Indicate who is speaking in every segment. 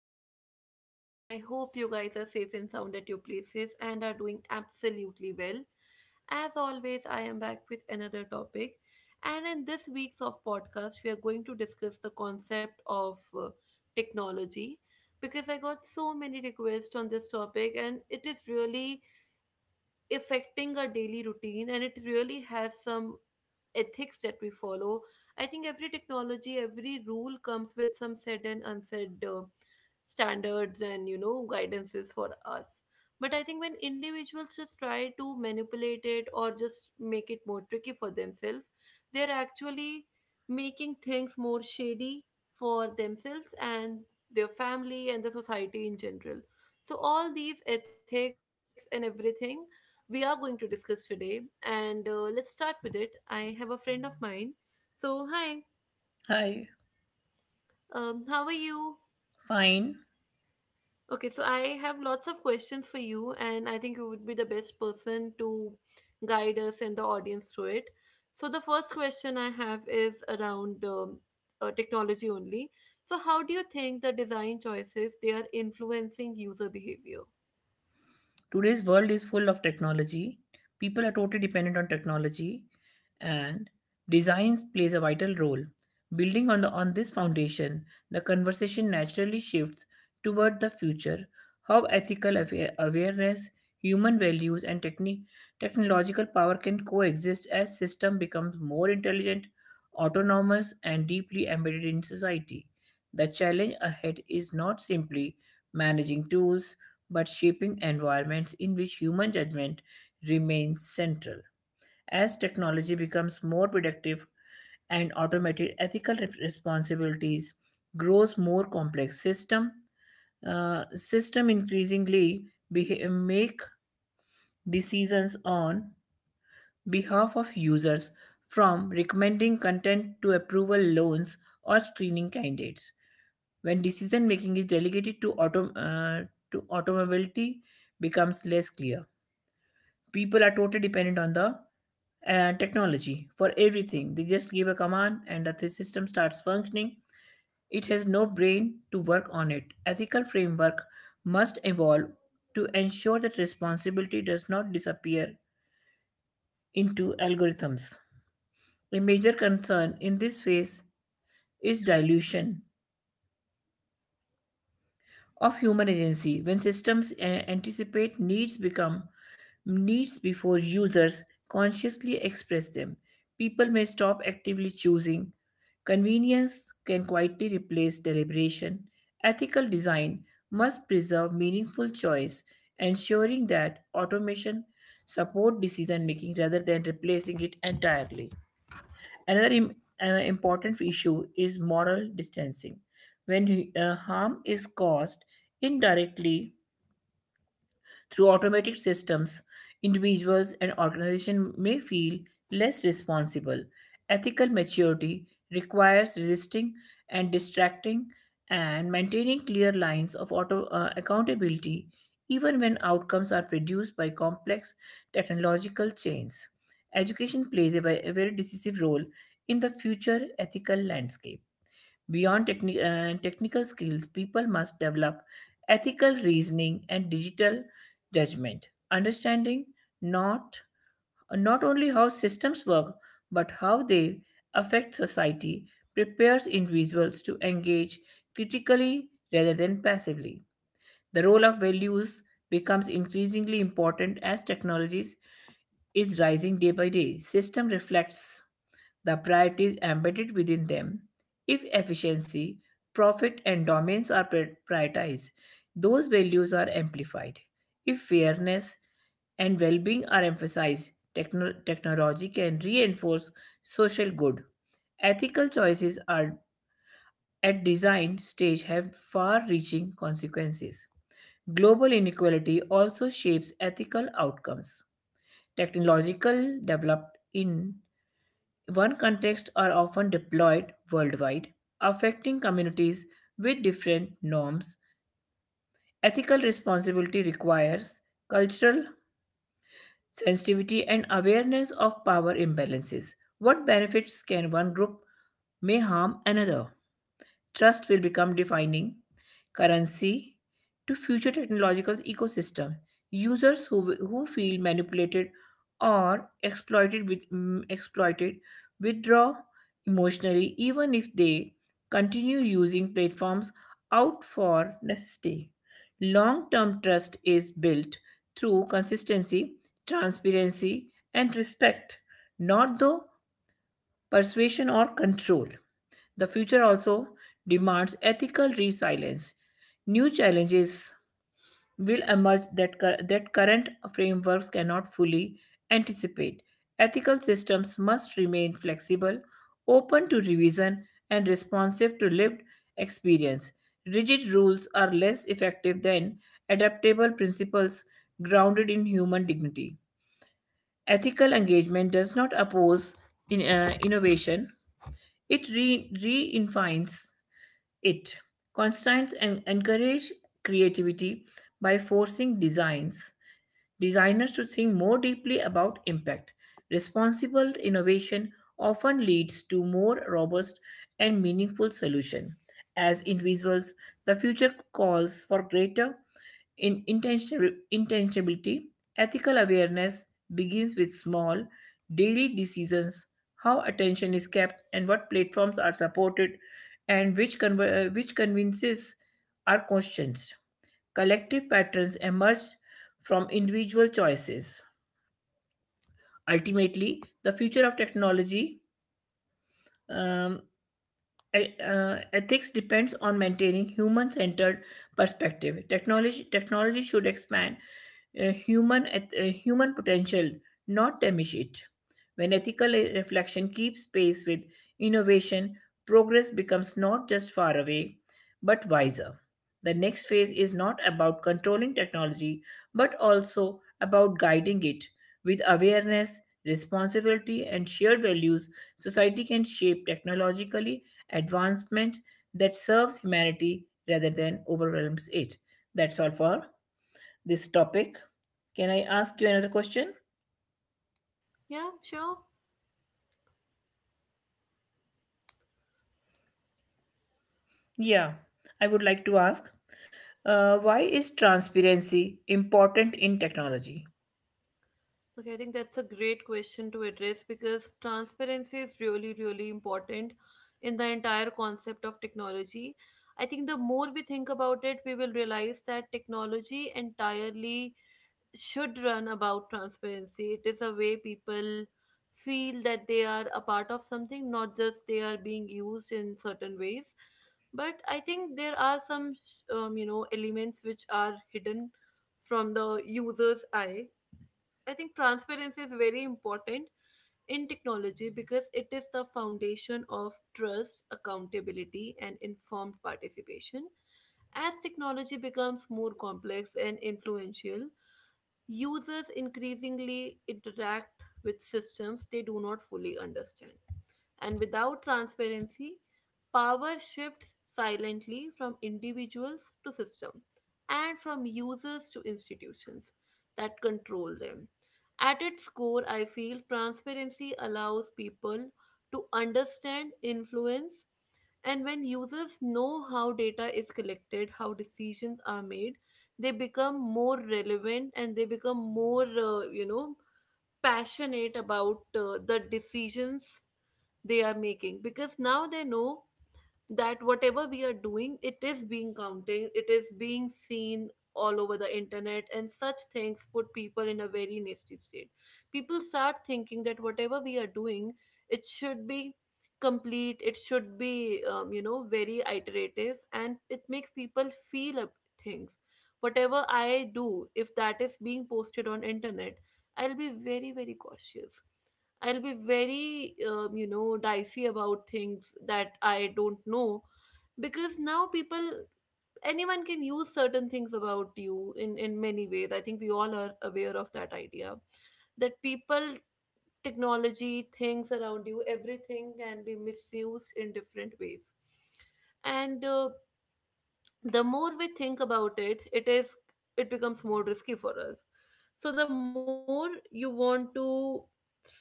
Speaker 1: morning to everyone. I hope you guys are safe and sound at your places and are doing absolutely well. As always, I am back with another topic. And in this week's of podcast, we are going to discuss the concept of technology, because I got so many requests on this topic and it is really affecting our daily routine and it really has some ethics that we follow. I think every technology, every rule comes with some said and unsaid standards and, you know, guidances for us. But I think when individuals just try to manipulate it or just make it more tricky for themselves, they're actually making things more shady for themselves and their family and the society in general. So all these ethics and everything, we are going to discuss today. And let's start with it. I have a friend of mine. So, hi,
Speaker 2: Hi,
Speaker 1: how are you?
Speaker 2: fine.
Speaker 1: Okay, so I have lots of questions for you, and I think you would be the best person to guide us and the audience through it. So, the first question I have is around technology only. So, how do you think the design choices they are influencing user behavior?
Speaker 2: Today's world is full of technology. People are totally dependent on technology, and designs plays a vital role. Building on the on this foundation, the conversation naturally shifts toward the future. How ethical awareness, human values, and technological power can coexist as system becomes more intelligent, autonomous, and deeply embedded in society. The challenge ahead is not simply managing tools but shaping environments in which human judgment remains central. As technology becomes more predictive and automated, ethical responsibilities grows more complex system system increasingly make decisions on behalf of users, from recommending content to approval loans or screening candidates. When decision making is delegated to to automobility becomes less clear. People are totally dependent on the technology for everything. They just give a command and the system starts functioning. It has no brain to work on it. Ethical framework must evolve to ensure that responsibility does not disappear into algorithms. A major concern in this phase is dilution of human agency when systems anticipate needs become needs before users consciously express them. People may stop actively choosing. Convenience can quietly replace deliberation. Ethical design must preserve meaningful choice, ensuring that automation support decision making rather than replacing it entirely. Another im- important issue is moral distancing. When harm is caused indirectly through automated systems, individuals and organizations may feel less responsible. Ethical maturity requires resisting and distracting and maintaining clear lines of accountability even when outcomes are produced by complex technological chains. Education plays a a very decisive role in the future ethical landscape. Beyond technical skills, people must develop ethical reasoning and digital judgment, understanding not, not only how systems work, but how they affect society prepares individuals to engage critically rather than passively. The role of values becomes increasingly important as technologies is rising day by day. System reflects the priorities embedded within them. If efficiency, profit, and dominance are prioritized, those values are amplified. If fairness and well being are emphasized, technology can reinforce social good. Ethical choices are at design stage have far reaching consequences. Global inequality also shapes ethical outcomes technological developed in one context are often deployed worldwide, affecting communities with different norms. Ethical responsibility requires cultural sensitivity and awareness of power imbalances. What benefits can one group may harm another? Trust will become defining currency to future technological ecosystem. Who feel manipulated or exploited with exploited withdraw emotionally even if they continue using platforms out for necessity. Long-term trust is built through consistency, transparency, and respect, not the persuasion or control. The future also demands ethical resilience. New challenges will emerge that current frameworks cannot fully anticipate. Ethical systems must remain flexible, open to revision, and responsive to lived experience. Rigid rules are less effective than adaptable principles grounded in human dignity. Ethical engagement does not oppose innovation, it redefines it constraints and encourage creativity by forcing designs designers to think more deeply about impact. Responsible innovation often leads to more robust and meaningful solutions. As individuals, the future calls for greater intentionality. Ethical awareness begins with small, daily decisions, how attention is kept, and what platforms are supported, and which convinces are questioned collective patterns emerge from individual choices. Ultimately, the future of technology um, ethics depends on maintaining human-centered perspective. Technology should expand human potential, not diminish it. When ethical reflection keeps pace with innovation, progress becomes not just far away, but wiser. The next phase is not about controlling technology, but also about guiding it. With awareness, responsibility, and shared values, society can shape technologically advancement that serves humanity rather than overwhelms it. That's all for this topic. Can I ask you another question?
Speaker 1: Yeah, sure.
Speaker 2: Yeah, I would like to ask why is transparency important in technology?
Speaker 1: Okay, I think that's a great question to address because transparency is really, really important in the entire concept of technology. I think the more we think about it, we will realize that technology entirely should run about transparency. It is a way people feel that they are a part of something, not just they are being used in certain ways. But I think there are some, you know, elements which are hidden from the user's eye. I think transparency is very important in technology because it is the foundation of trust, accountability, and informed participation. As technology becomes more complex and influential, users increasingly interact with systems they do not fully understand. And without transparency, power shifts silently from individuals to system and from users to institutions that control them. At its core, I feel transparency allows people to understand influence. And when users know how data is collected, how decisions are made, they become more relevant and they become more, you know, passionate about the decisions they are making, because now they know that whatever we are doing, it is being counted, it is being seen all over the internet. And such things put people in a very nasty state. People start thinking that whatever we are doing, it should be complete, it should be you know, very iterative, and it makes people feel up things. Whatever I do, if that is being posted on internet, I'll be very, very cautious. I'll be very, you know, dicey about things that I don't know, because now people, anyone can use certain things about you in many ways. I think we all are aware of that idea that people, technology, things around you, everything can be misused in different ways. And the more we think about it, it is, it becomes more risky for us. So the more you want to see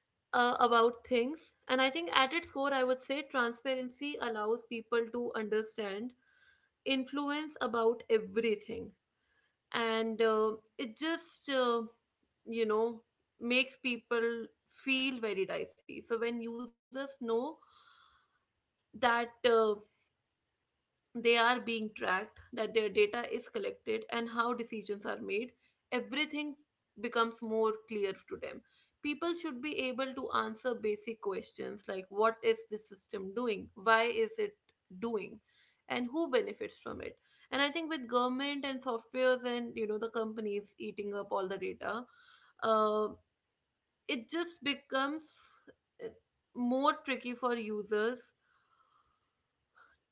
Speaker 1: about things. And I think at its core, I would say transparency allows people to understand influence about everything. And it just you know, makes people feel very dicey. So when users know that they are being tracked, that their data is collected, and how decisions are made, everything becomes more clear to them. People should be able to answer basic questions like what is this system doing? Why is it doing? And who benefits from it? And I think with government and softwares and, you know, the companies eating up all the data, uh, it just becomes uh, more tricky for users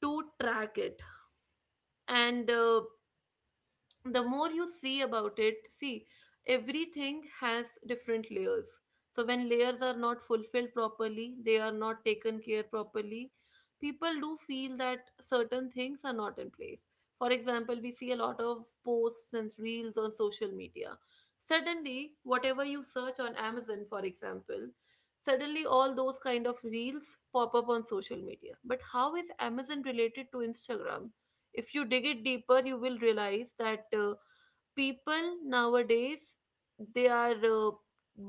Speaker 1: to track it. And the more you see about it, see, everything has different layers. So when layers are not fulfilled properly, they are not taken care properly, people do feel that certain things are not in place. For example, we see a lot of posts and reels on social media. Suddenly, whatever you search on Amazon, for example, suddenly all those kind of reels pop up on social media. But how is Amazon related to Instagram? If you dig it deeper, you will realize that people nowadays, they are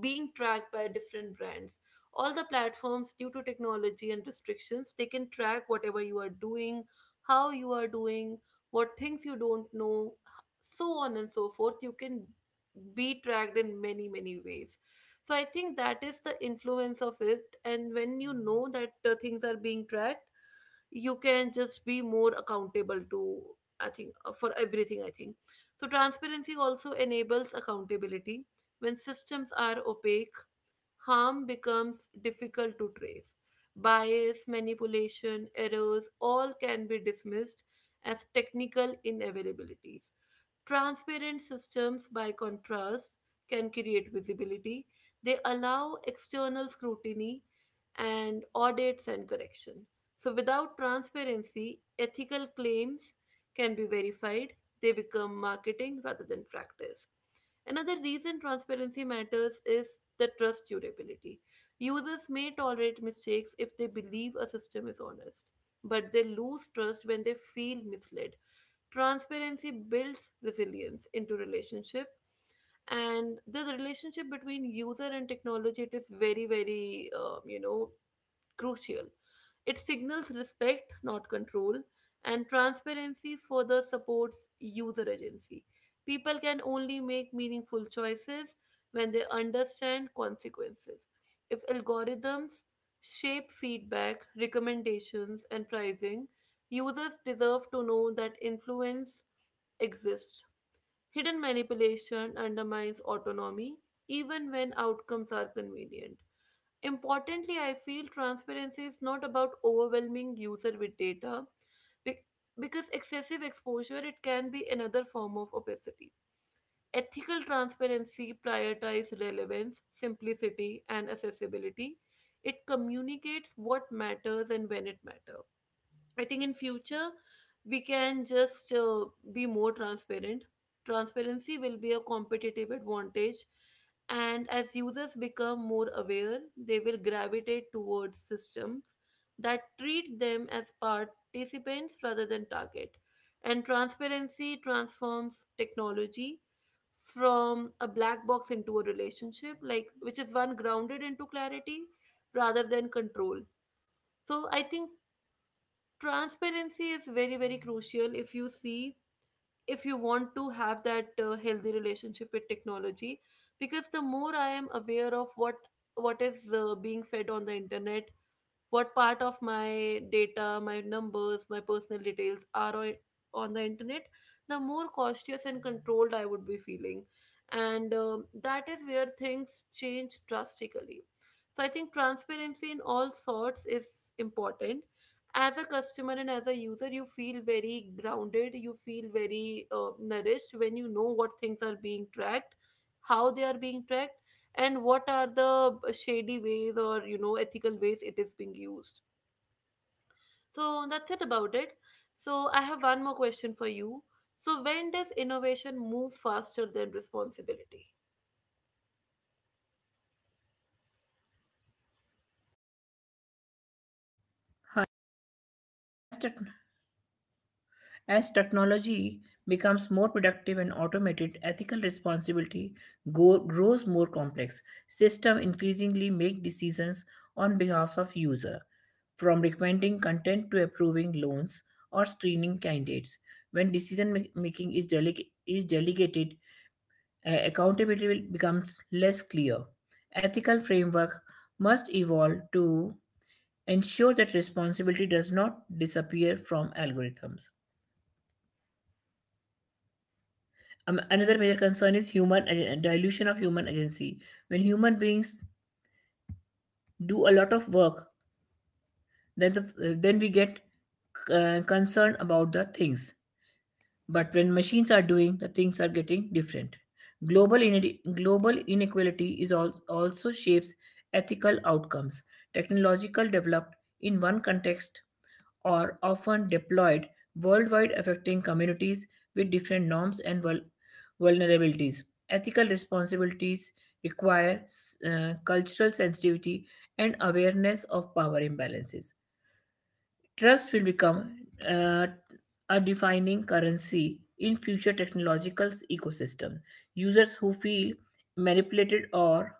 Speaker 1: being tracked by different brands, all the platforms. Due to technology and restrictions, they can track whatever you are doing, how you are doing, what things you don't know, so on and so forth. You can be tracked in many, many ways. So I think that is the influence of it. And when you know that the things are being tracked, you can just be more accountable to, I think for everything, I think. So transparency also enables accountability. When systems are opaque, harm becomes difficult to trace. Bias, manipulation, errors, all can be dismissed as technical inevitabilities. Transparent systems, by contrast, can create visibility. They allow external scrutiny and audits and correction. So, without transparency, ethical claims can be verified. They become marketing rather than practice. Another reason transparency matters is the trust durability. Users may tolerate mistakes if they believe a system is honest, but they lose trust when they feel misled. Transparency builds resilience into relationship, and the relationship between user and technology, it is very, very you know, crucial. It signals respect, not control, and transparency further supports user agency. People can only make meaningful choices when they understand consequences. If algorithms shape feedback, recommendations, and pricing, users deserve to know that influence exists. Hidden manipulation undermines autonomy even when outcomes are convenient. Importantly, I feel transparency is not about overwhelming user with data, bec- because excessive exposure, it can be another form of opacity. Ethical transparency prioritizes relevance, simplicity and accessibility. It communicates what matters and when it matters. I think in future we can just be more transparent. Transparency will be a competitive advantage, and as users become more aware, they will gravitate towards systems that treat them as participants rather than target. And transparency transforms technology from a black box into a relationship, like which is one grounded into clarity rather than control. So I think transparency is very, very crucial, if you see, if you want to have that healthy relationship with technology, because the more I am aware of what is being fed on the internet, what part of my data, my numbers, my personal details are on the internet, the more cautious and controlled I would be feeling. And that is where things change drastically. So I think transparency in all sorts is important. As a customer and as a user, you feel very grounded, you feel very nourished when you know what things are being tracked, how they are being tracked, and what are the shady ways or, you know, ethical ways it is being used. So that's it about it. So I have one more question for you. So when does innovation move faster than responsibility?
Speaker 2: As tech As technology becomes more productive and automated, ethical responsibility grows more complex. Systems increasingly make decisions on behalf of user, from recommending content to approving loans or screening candidates. When decision making is delegated, accountability becomes less clear. Ethical framework must evolve to ensure that responsibility does not disappear from algorithms. Another major concern is dilution of human agency. When human beings do a lot of work, then we get concerned about the things. But when machines are doing, the things are getting different. Global inequality also shapes ethical outcomes. Technological developed in one context are often deployed worldwide, affecting communities with different norms and vulnerabilities. Ethical responsibilities require cultural sensitivity and awareness of power imbalances. Trust will become uh, a defining currency in future technological ecosystems. Users who feel manipulated or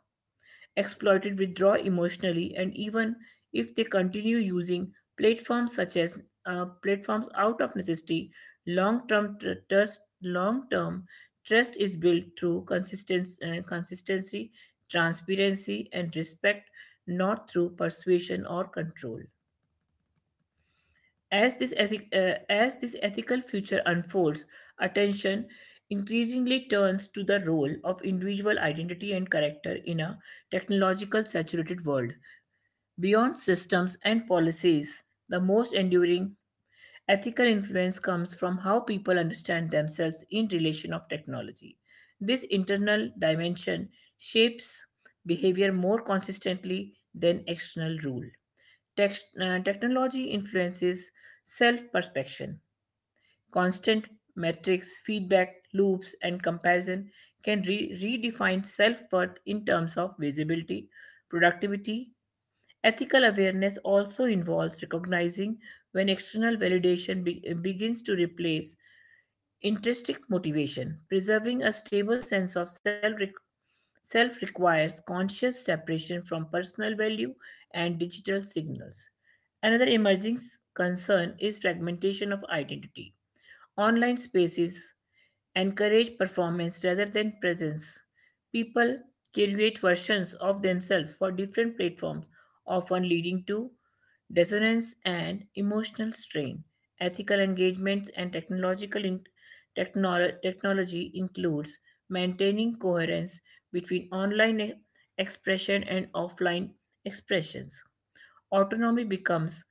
Speaker 2: exploited withdraw emotionally and even if they continue using platforms such as platforms out of necessity. Long-term trust is built through consistency, transparency and respect, not through persuasion or control. As as this ethical future unfolds, attention increasingly turns to the role of individual identity and character in a technological saturated world. Beyond systems and policies, the most enduring ethical influence comes from how people understand themselves in relation of technology. This internal dimension shapes behavior more consistently than external rule. Technology influences self-perception. Constant metrics, feedback loops, and comparison can redefine self-worth in terms of visibility, productivity. Ethical awareness also involves recognizing when external validation begins to replace intrinsic motivation. Preserving a stable sense of self requires conscious separation from personal value and digital signals. Another emerging concern is fragmentation of identity. Online spaces encourage performance rather than presence. People create versions of themselves for different platforms, often leading to dissonance and emotional strain. Ethical engagements and technology includes maintaining coherence between expression and offline expressions. Autonomy becomes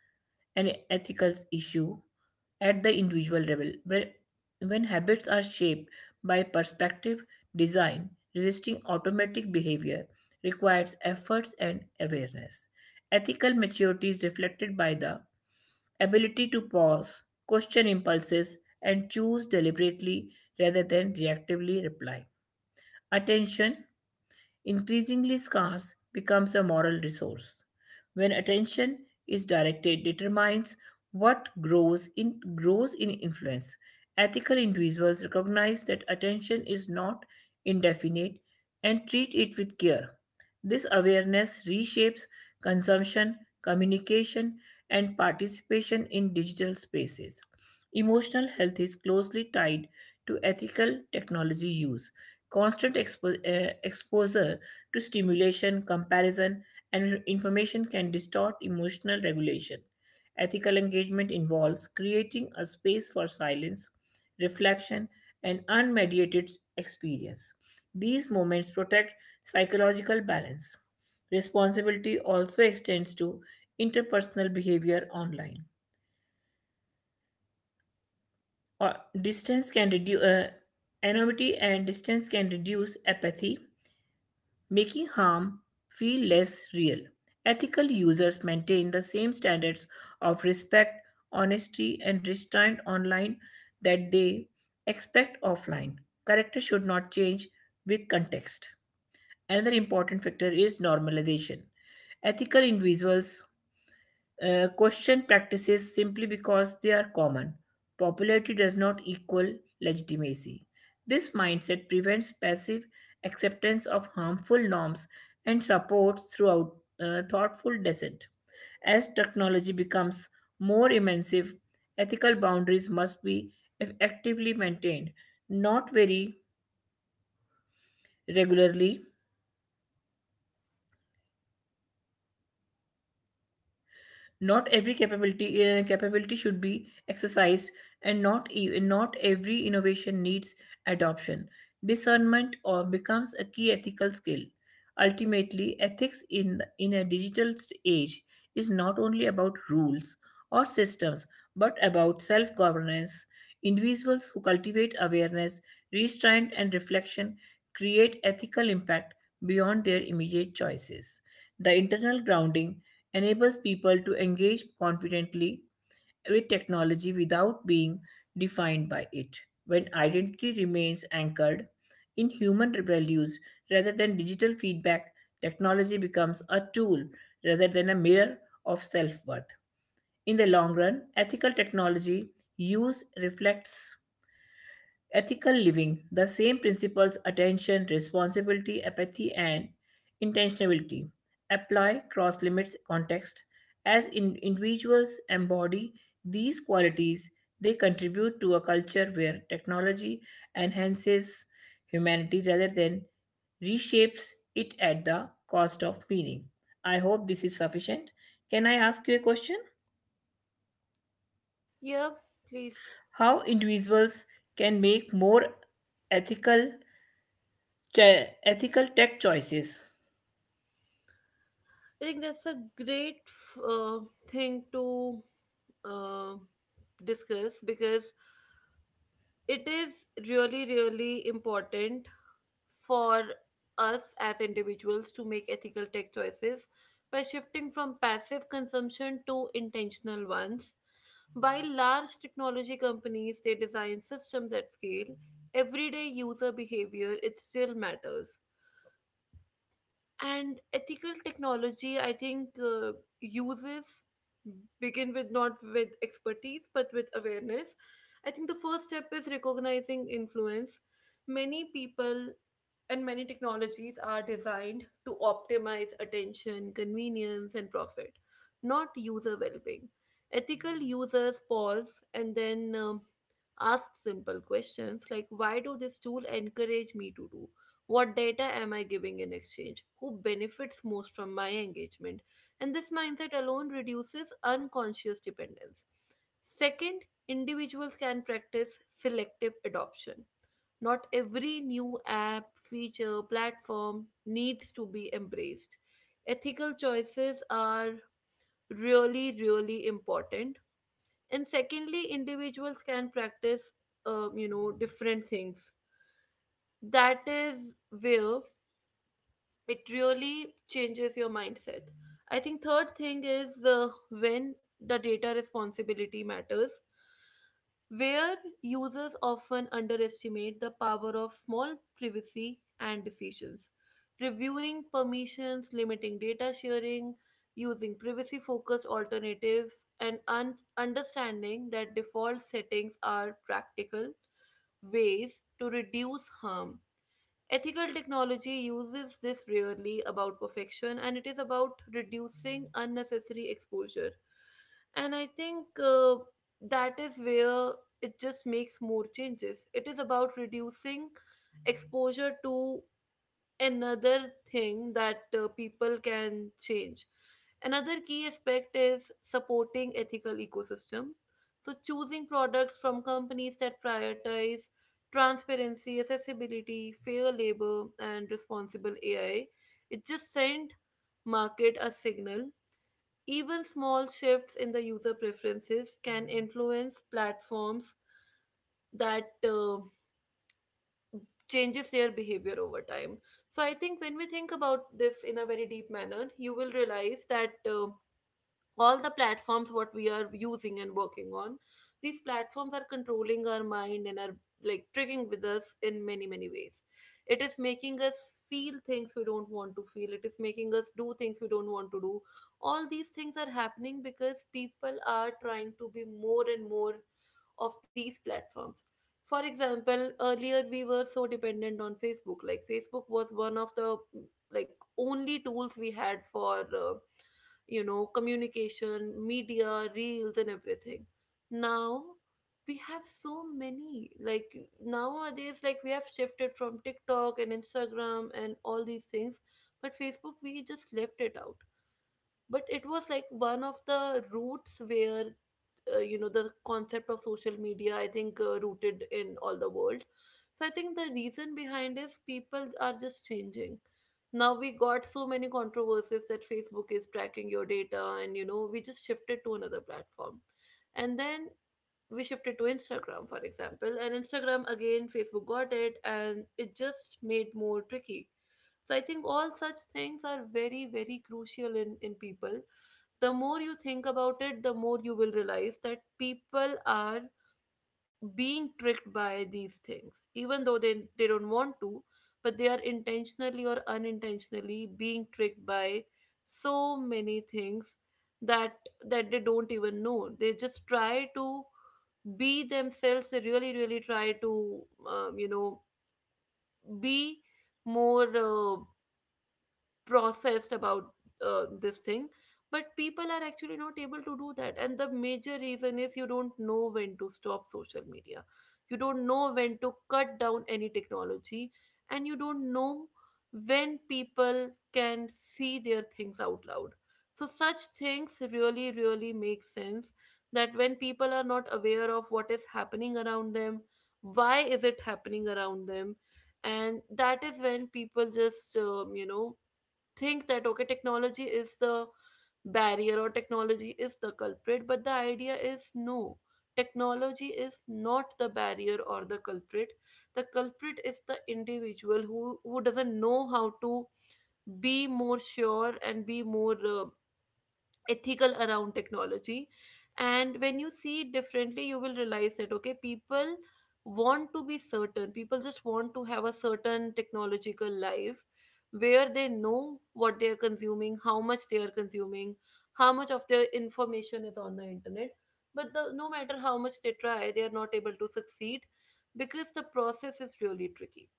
Speaker 2: an ethical issue at the individual level, where when habits are shaped by perspective design, resisting automatic behavior requires efforts and awareness. Ethical maturity is reflected by the ability to pause, question impulses, and choose deliberately rather than reactively. Reply. Attention increasingly scarce, becomes a moral resource. When attention is directed, determines what grows in grows in influence. Ethical individuals recognize that attention is not indefinite and treat it with care. This awareness reshapes consumption, communication, and participation in digital spaces. Emotional health is closely tied to ethical technology use. Constant exposure to stimulation, comparison, and information can distort emotional regulation. Ethical engagement involves creating a space for silence, reflection, and unmediated experience. These moments protect psychological balance. Responsibility also extends to interpersonal behavior online. Uh, distance can reduce anonymity and distance can reduce apathy, making harm feel less real. Ethical users maintain the same standards of respect, honesty, and restraint online that they expect offline. Character should not change with context. Another important factor is normalization. Ethical individuals question practices simply because they are common. Popularity does not equal legitimacy. This mindset prevents passive acceptance of harmful norms and supports throughout thoughtful dissent. As technology becomes more immersive, ethical boundaries must be effectively maintained, not very regularly. Not every capability should be exercised, and not every innovation needs adoption. Discernment or becomes a key ethical skill. Ultimately, ethics in a digital age is not only about rules or systems, but about self governance. Individuals who cultivate awareness, restraint, and reflection create ethical impact beyond their immediate choices. The internal grounding enables people to engage confidently with technology without being defined by it. When identity remains anchored in human values rather than digital feedback, technology becomes a tool rather than a mirror of self worth. In the long run, ethical technology use reflects ethical living, the same principles attention, responsibility, apathy, and intentionality apply cross limits context. As individuals embody these qualities, they contribute to a culture where technology enhances humanity rather than reshapes it at the cost of meaning. I hope this is sufficient. Can I ask you a question?
Speaker 1: Yeah, please.
Speaker 2: How individuals can make more ethical ethical tech choices.
Speaker 1: I think that's a thing to uh, discuss, because it is really, really important for us as individuals to make ethical tech choices by shifting from passive consumption to intentional ones. While large technology companies, they design systems at scale, everyday user behavior, it still matters. And ethical technology, I think, uses begin with not with expertise but with awareness. I think the first step is recognizing influence. Many people and many technologies are designed to optimize attention, convenience and profit, not user well-being. Ethical users pause and then ask simple questions like why do this tool encourage me to do, what data am I giving in exchange? Who benefits most from my engagement? And this mindset alone reduces unconscious dependence. Second, individuals can practice selective adoption. Not every new app, feature, platform needs to be embraced. Ethical choices are really, really important. And secondly, individuals can practice, you know, different things. That is where it really changes your mindset. I think third thing is, when the data responsibility matters, where users often underestimate the power of small privacy and decisions. Reviewing permissions, limiting data sharing, using privacy focused alternatives, and understanding that default settings are practical ways to reduce harm. Ethical technology uses this rarely about perfection, and it is about reducing unnecessary exposure. And I think that is where it just makes more changes. It is about reducing exposure to another thing that people can change. Another key aspect is supporting ethical ecosystem. So choosing products from companies that prioritize transparency, accessibility, fair labor and responsible AI, it just sent market a signal. Even small shifts in the user preferences can influence platforms that changes their behavior over time. So I think when we think about this in a very deep manner, you will realize that. All the platforms what we are using and working on, these platforms are controlling our mind and are like tricking with us in many many ways. It is making us feel things we don't want to feel. It is making us do things we don't want to do. All these things are happening because people are trying to be more and more of these platforms. For example, earlier we were so dependent on Facebook. Like Facebook was one of the, like, only tools we had for communication, media, reels, and everything. Now we have so many. Like nowadays, like we have shifted from TikTok and Instagram and all these things, but Facebook, we just left it out. But it was like one of the routes where, you know, the concept of social media, I think, rooted in all the world. So I think the reason behind is people are just changing. Now we got so many controversies that Facebook is tracking your data, and you know we just shifted to another platform. And then we shifted to Instagram, for example, and Instagram again Facebook got it, and it just made more tricky. So I think all such things are very very crucial in people. The more you think about it, the more you will realize that people are being tricked by these things, even though they don't want to, but they are intentionally or unintentionally being tricked by so many things that that they don't even know. They just try to be themselves. They really, really try to, um, you know, be more. Processed about this thing. But people are actually not able to do that, and the major reason is you don't know when to stop social media. You don't know when to cut down any technology. And you don't know when people can see their things out loud. So such things really really make sense, that when people are not aware of what is happening around them, why is it happening around them. And that is when people just think that okay, technology is the barrier or technology is the culprit. But the idea is no, technology is not the barrier or the culprit. The culprit is the individual who doesn't know how to be more sure and be more ethical around technology. And when you see it differently, you will realize that okay, people want to be certain. People just want to have a certain technological life where they know what they are consuming, how much they are consuming, how much of their information is on the internet. But no matter how much they try, they are not able to succeed, because the process is really tricky.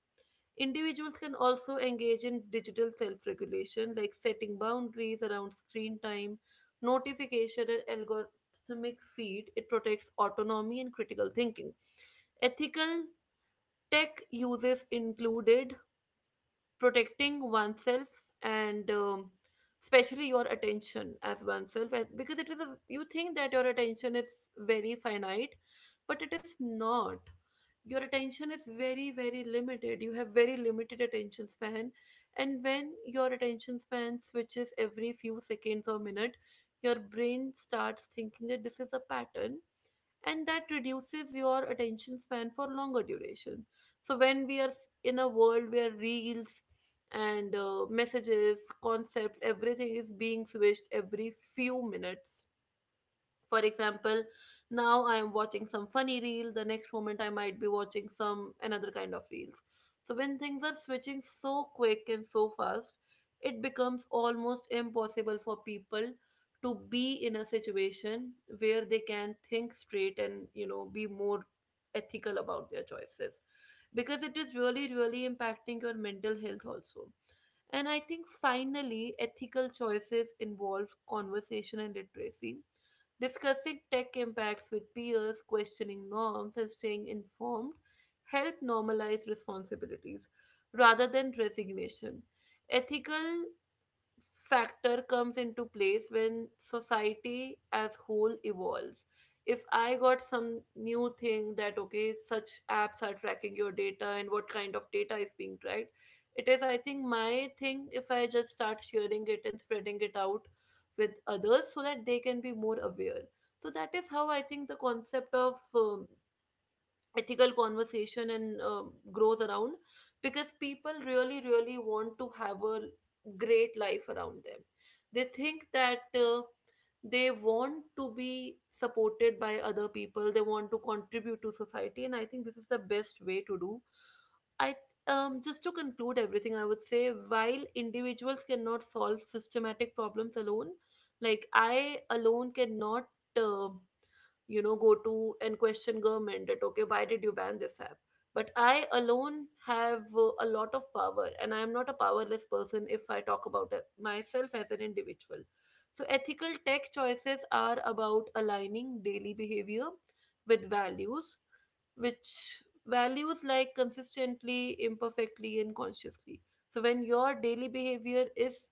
Speaker 1: Individuals can also engage in digital self regulation, like setting boundaries around screen time, notification, and algorithmic feed. It protects autonomy and critical thinking. Ethical tech uses included protecting oneself and, especially your attention as oneself because it is a, you think that your attention is very finite, but it is not. Your attention is very very limited. You have very limited attention span. And when your attention span switches every few seconds or minute, your brain starts thinking that this is a pattern, and that reduces your attention span for longer duration. So when in a world where reels and messages, concepts, everything is being switched every few minutes. For example, now I am watching some funny reel, the next moment I might be watching some another kind of reels. So when things are switching so quick and so fast, it becomes almost impossible for people to be in a situation where they can think straight and, you know, be more ethical about their choices, because it is really really impacting your mental health also. And I think finally, ethical choices involve conversation and literacy. Discussing tech impacts with peers, questioning norms, and staying informed help normalize responsibilities rather than resignation. Ethical factor comes into place when society as whole evolves. If I got some new thing that okay, such apps are tracking your data and what kind of data is being tracked, it is, I think, my thing, if I just start sharing it and spreading it out with others so that they can be more aware. So that is how I think the concept of ethical conversation and grows around, because people really really want to have a great life around them. They think that they want to be supported by other people, they want to contribute to society, and I think this is the best way to do. I Just to conclude everything, I would say while individuals cannot solve systematic problems alone, like I alone cannot, uh, go to and question government that okay, why did you ban this app. But I alone have a lot of power, and I am not a powerless person if I talk about it myself as an individual. So ethical tech choices are about aligning daily behavior with values, which values like consistently, imperfectly, and consciously. So when your daily behavior is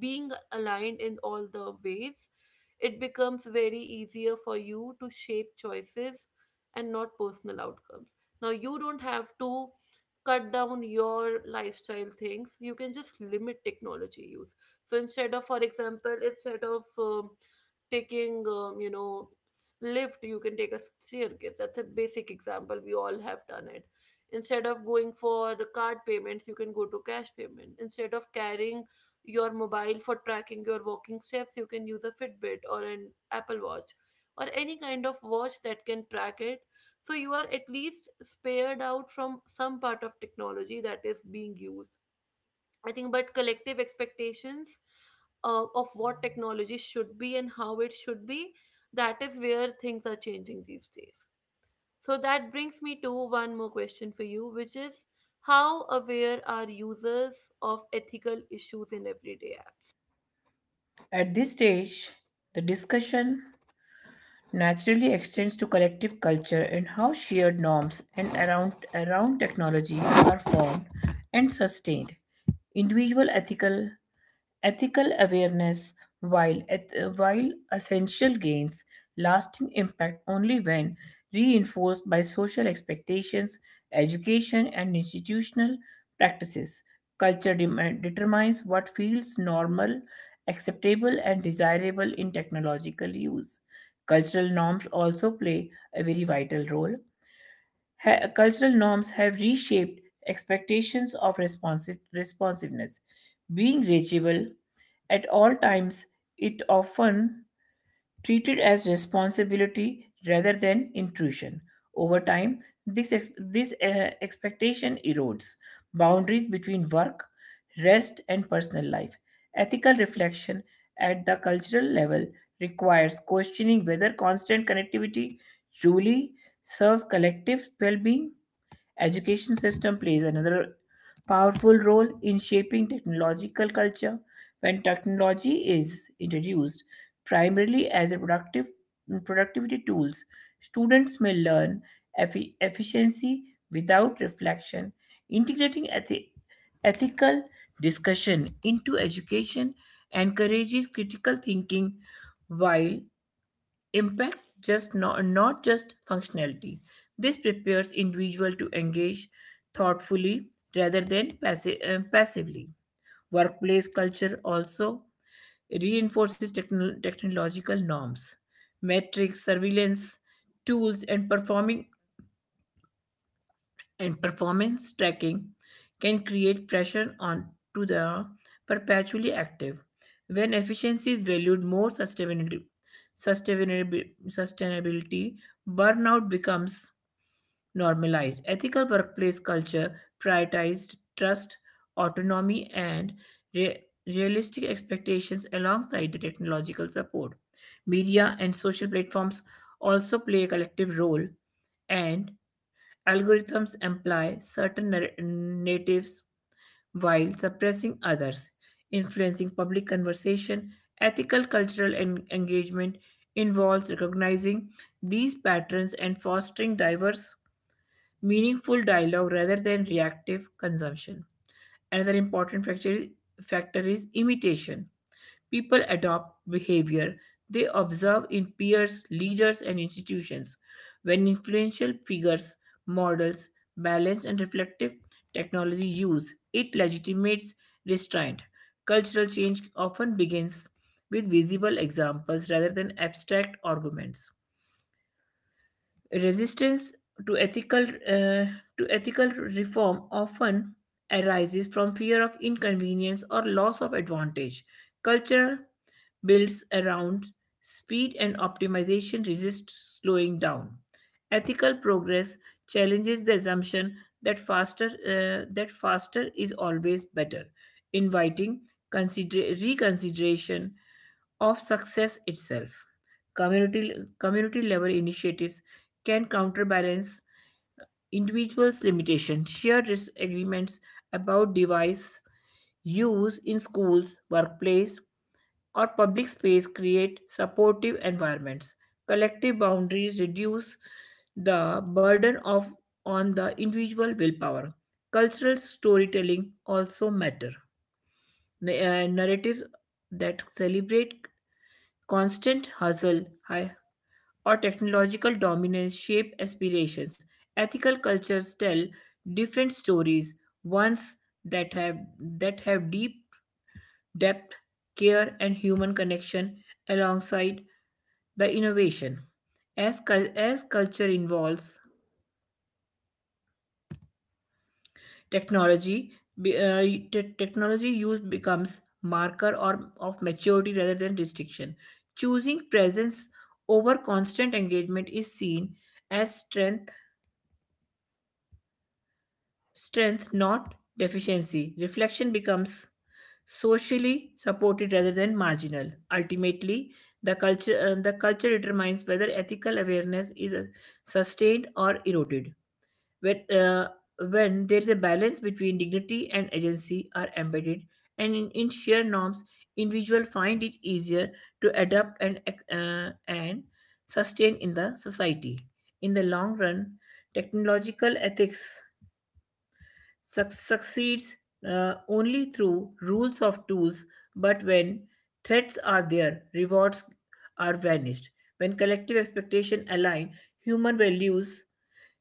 Speaker 1: being aligned in all the ways, it becomes very easier for you to shape choices and not personal outcomes. Now you don't have to cut down your lifestyle things. You can just limit technology use. So instead of, for example, instead of taking, lift, you can take a staircase. That's a basic example, we all have done it. Instead of going for card payments, you can go to cash payment. Instead of carrying your mobile for tracking your walking steps, you can use a Fitbit or an Apple Watch or any kind of watch that can track it. So you are at least spared out from some part of technology that is being used, I think. But collective expectations of what technology should be and how it should be, that is where things are changing these days. So that brings me to one more question for you, which is, how aware are users of ethical issues in everyday apps?
Speaker 2: At this stage, the discussion naturally extends to collective culture and how shared norms around technology are formed and sustained. Individual ethical awareness, while essential, gains lasting impact only when reinforced by social expectations, education, and institutional practices. Culture determines what feels normal, acceptable, and desirable in technological use. Cultural norms also play a very vital role. Cultural norms have reshaped expectations of responsiveness. Being reachable at all times, it often treated as responsibility rather than intrusion. Over time, this expectation erodes boundaries between work, rest, and personal life. Ethical reflection at the cultural level requires questioning whether constant connectivity truly serves collective well being. Education system plays another powerful role in shaping technological culture when technology is introduced primarily as a productive productivity tools, students may learn efficiency without reflection, integrating ethical discussion into education encourages critical thinking while impact, just not, not just functionality. This prepares individual to engage thoughtfully rather than passively. Workplace culture also reinforces technological norms, metrics, surveillance tools, and performance tracking, can create pressure on to the perpetually active. When efficiency is valued more sustainability, burnout becomes normalized. Ethical workplace culture prioritizes trust, autonomy, and realistic expectations alongside the technological support. Media and social platforms also play a collective role, and algorithms employ certain narratives while suppressing others, influencing public conversation. Ethical cultural engagement involves recognizing these patterns and fostering diverse, meaningful dialogue rather than reactive consumption. Another important factor is imitation. People adopt behavior they observe in peers, leaders, and institutions. When influential figures, models, balanced and reflective technology use, it legitimates restraint. Cultural change often begins with visible examples rather than abstract arguments. Resistance to ethical uh, to ethical reform often arises from fear of inconvenience or loss of advantage. Culture builds around speed and optimization resists slowing down. Ethical progress challenges the assumption that faster is always better, inviting reconsideration of success itself. Community, community level initiatives can counterbalance individuals' limitations. Shared agreements about device use in schools, workplace, or public space create supportive environments. Collective boundaries reduce the burden of on the individual willpower. Cultural storytelling also matter. Narratives that celebrate constant hustle or technological dominance shape aspirations. Ethical cultures tell different stories, ones that have that have deep depth, care, and human connection alongside the innovation. As culture involves technology, be- uh, technology use becomes marker or of maturity rather than restriction. Choosing presence over constant engagement is seen as strength, not deficiency. Reflection becomes socially supported rather than marginal. Ultimately, the culture determines whether ethical awareness is sustained or eroded. When, uh, when there is a balance between dignity and agency are embedded, in sheer norms, individuals find it easier to adapt and uh, and sustain in the society. In the long run, technological ethics succeeds only through rules of tools, but when threats are there, rewards are vanished. When collective expectation align, human values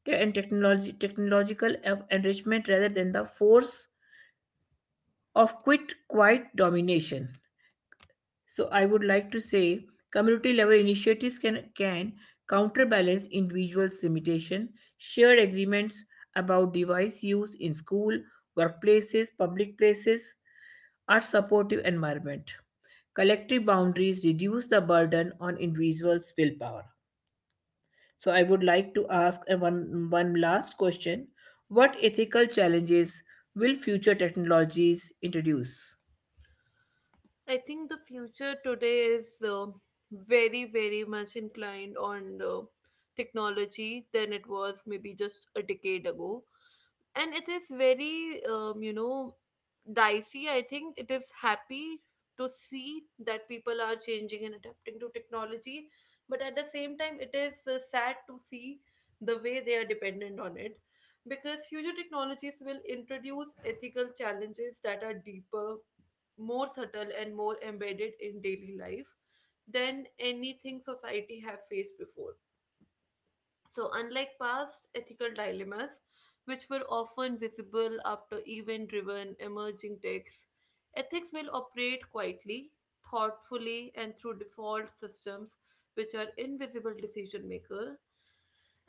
Speaker 2: and technological of enrichment rather than the force of quit quiet domination. So I would like to say community level initiatives can counterbalance individuals' limitation. Shared agreements about device use in school, workplaces, public places are supportive environment. Collective boundaries reduce the burden on individuals' willpower. So I would like to ask a one last question. What ethical challenges will future technologies introduce?
Speaker 1: I think the future today is very, very much inclined on technology than it was maybe just a decade ago. And it is very, dicey. I think it is happy to see that people are changing and adapting to technology, but at the same time it is sad to see the way they are dependent on it. Because future technologies will introduce ethical challenges that are deeper, more subtle and more embedded in daily life than anything society have faced before. So, unlike past ethical dilemmas, which were often visible after event driven emerging texts, ethics will operate quietly, thoughtfully, and through default systems which are invisible decision makers.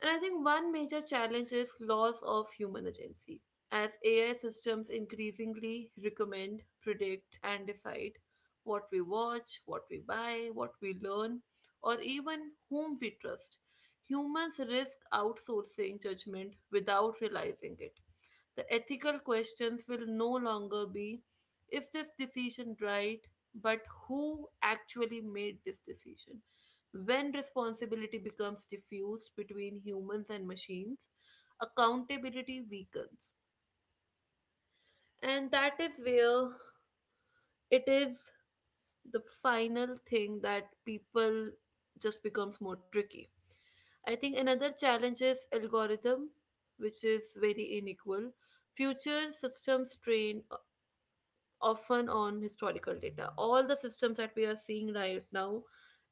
Speaker 1: And I think one major challenge is loss of human agency. As AI systems increasingly recommend, predict, and decide what we watch, what we buy, what we learn, or even whom we trust, humans risk outsourcing judgment without realizing it. The ethical questions will no longer be, is this decision right, but who actually made this decision? When responsibility becomes diffused between humans and machines, accountability weakens. And that is where it is the final thing that people just becomes more tricky. I think another challenge is algorithm, which is very unequal. Future systems trained often on historical data. All the systems that we are seeing right now,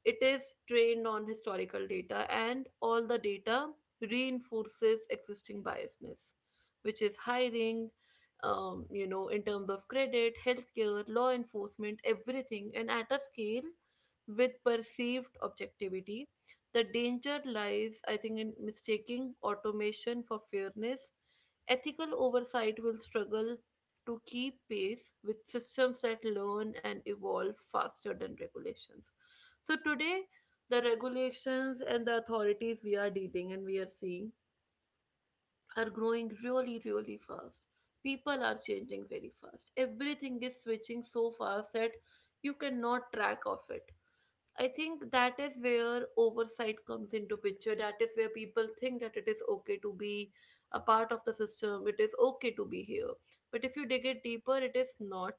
Speaker 1: it is trained on historical data, and all the data reinforces existing biasness, which is hiring, in terms of credit, healthcare, law enforcement, everything, and at a scale with perceived objectivity. The danger lies, I think, in mistaking automation for fairness. Ethical oversight will struggle to keep pace with systems that learn and evolve faster than regulations. So today, the regulations and the authorities we are dealing and we are seeing are growing really, really fast. People are changing very fast. Everything is switching so fast that you cannot track of it. I think that is where oversight comes into picture. That is where people think that it is okay to be a part of the system. It is okay to be here. But if you dig it deeper, it is not,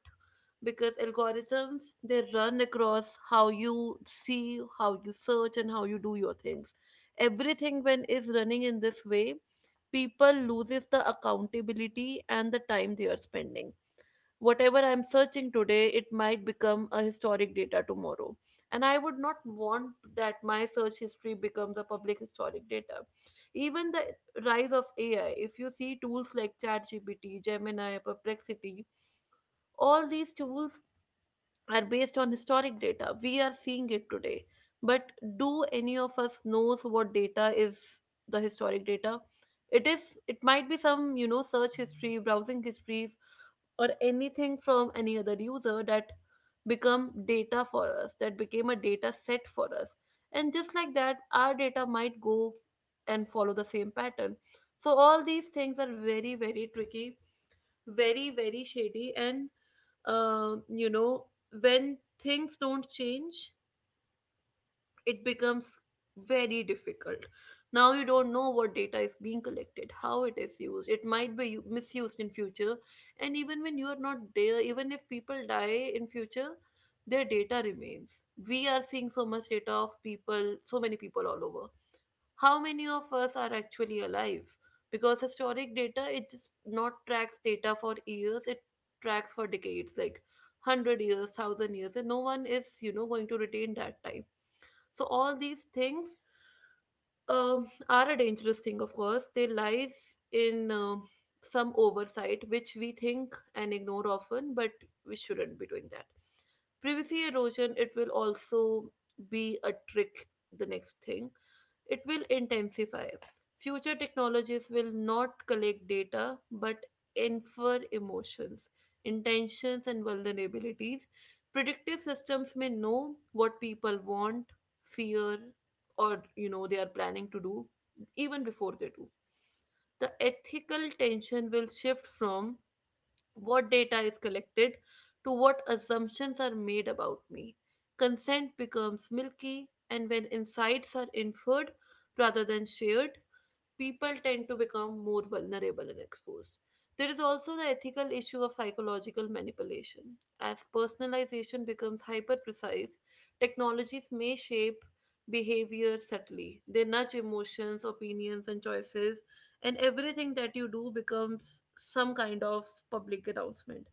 Speaker 1: because algorithms, they run across how you see, how you search and how you do your things. Everything when is running in this way, people loses the accountability and the time they are spending. Whatever I'm searching today, it might become a historic data tomorrow. And I would not want that my search history becomes a public historic data. Even the rise of AI, if you see tools like ChatGPT, Gemini, Perplexity, all these tools are based on historic data. We are seeing it today. But do any of us knows what data is the historic data? It might be some, you know, search history, browsing history, or anything from any other user that become data for us, that became a data set for us, and just like that our data might go and follow the same pattern. So all these things are very very tricky, very very shady, and um, you know when things don't change, it becomes very difficult. Now you don't know what data is being collected, how it is used. It might be misused in future, and even when you are not there, even if people die in future, their data remains. We are seeing so much data of people, so many people all over. How many of us are actually alive? Because historic data, it just not tracks data for years. It tracks for decades, like 100 years, 1,000 years, and no one is, you know, going to retain that time. So all these things, are a dangerous thing, of course. They lies in some oversight, which we think and ignore often, but we shouldn't be doing that. Privacy erosion, it will also be a trick, the next thing. It will intensify. Future technologies will not collect data but infer emotions, intentions, and vulnerabilities. Predictive systems may know what people want, fear, or, you know, they are planning to do even before they do. The ethical tension will shift from what data is collected to what assumptions are made about me. Consent becomes milky, and when insights are inferred rather than shared, people tend to become more vulnerable and exposed. There is also the ethical issue of psychological manipulation. As personalization becomes hyper precise, technologies may shape behavior subtly. They nudge emotions, opinions, and choices, and everything that you do becomes some kind of public announcement.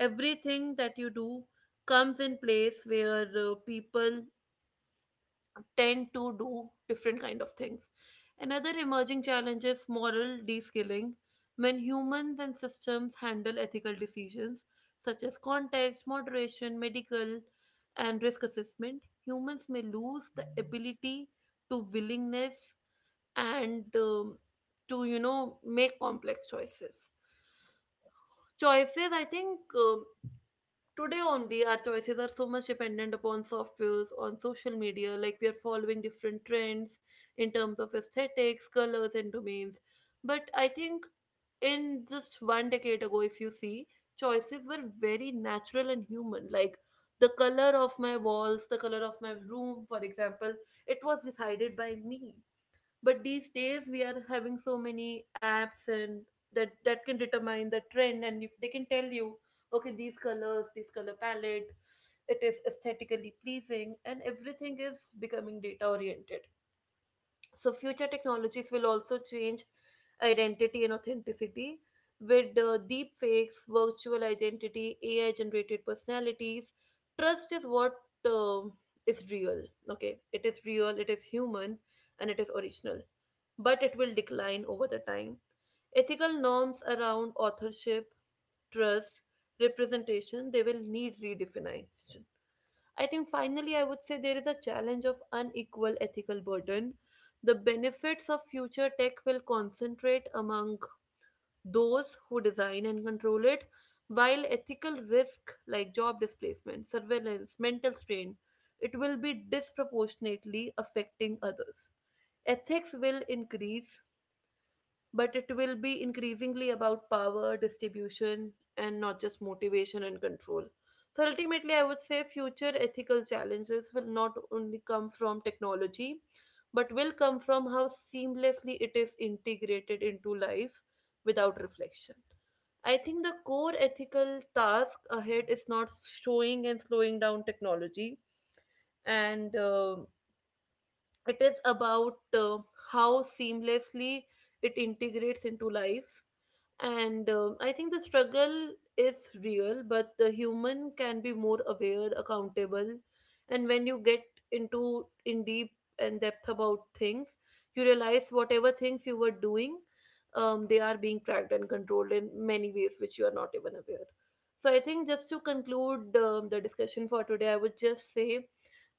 Speaker 1: Everything that you do comes in place where people tend to do different kind of things. Another emerging challenge is moral descaling. When humans and systems handle ethical decisions such as context, moderation, medical, and risk assessment, humans may lose the ability, to willingness, and to, you know, make complex choices. Choices, I think, today only, our choices are so much dependent upon softwares, on social media, like we are following different trends in terms of aesthetics, colors, and domains. But I think in just one decade ago, if you see, choices were very natural and human. Like the color of my walls, the color of my room, for example, it was decided by me, but these days we are having so many apps and that can determine the trend, and you, they can tell you, okay, these colors, this color palette, it is aesthetically pleasing, and everything is becoming data oriented. So future technologies will also change identity and authenticity with deep fakes, virtual identity, AI generated personalities. Trust is what um, is real. Okay, it is real, it is human, and it is original, but it will decline over the time. Ethical norms around authorship, trust, representation, they will need redefinition. I think finally, I would say there is a challenge of unequal ethical burden. The benefits of future tech will concentrate among those who design and control it, while ethical risk like job displacement, surveillance, mental strain, it will be disproportionately affecting others. Ethics will increase, but it will be increasingly about power distribution and not just motivation and control. So ultimately I would say future ethical challenges will not only come from technology but will come from how seamlessly it is integrated into life without reflection. I think the core ethical task ahead is not showing and slowing down technology, and it is about, how seamlessly it integrates into life. And I think the struggle is real, but the human can be more aware, accountable, and when you get into in deep and depth about things, you realize whatever things you were doing, they are being tracked and controlled in many ways which you are not even aware. So I think, just to conclude the discussion for today, I would just say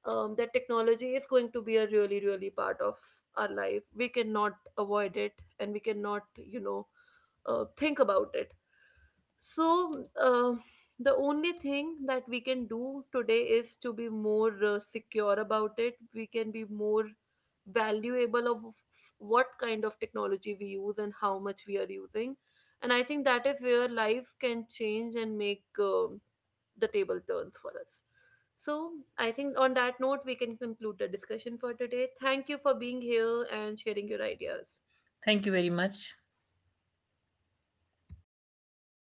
Speaker 1: that technology is going to be a really really part of our life. We cannot avoid it, and we cannot, you know, think about it. So, uh, the only thing that we can do today is to be more secure about it. We can be more valuable of what kind of technology we use and how much we are using. And I think that is where life can change and make, the table turns for us. So, I think on that note, we can conclude the discussion for today. Thank you for being here and sharing your ideas.
Speaker 2: Thank you very much.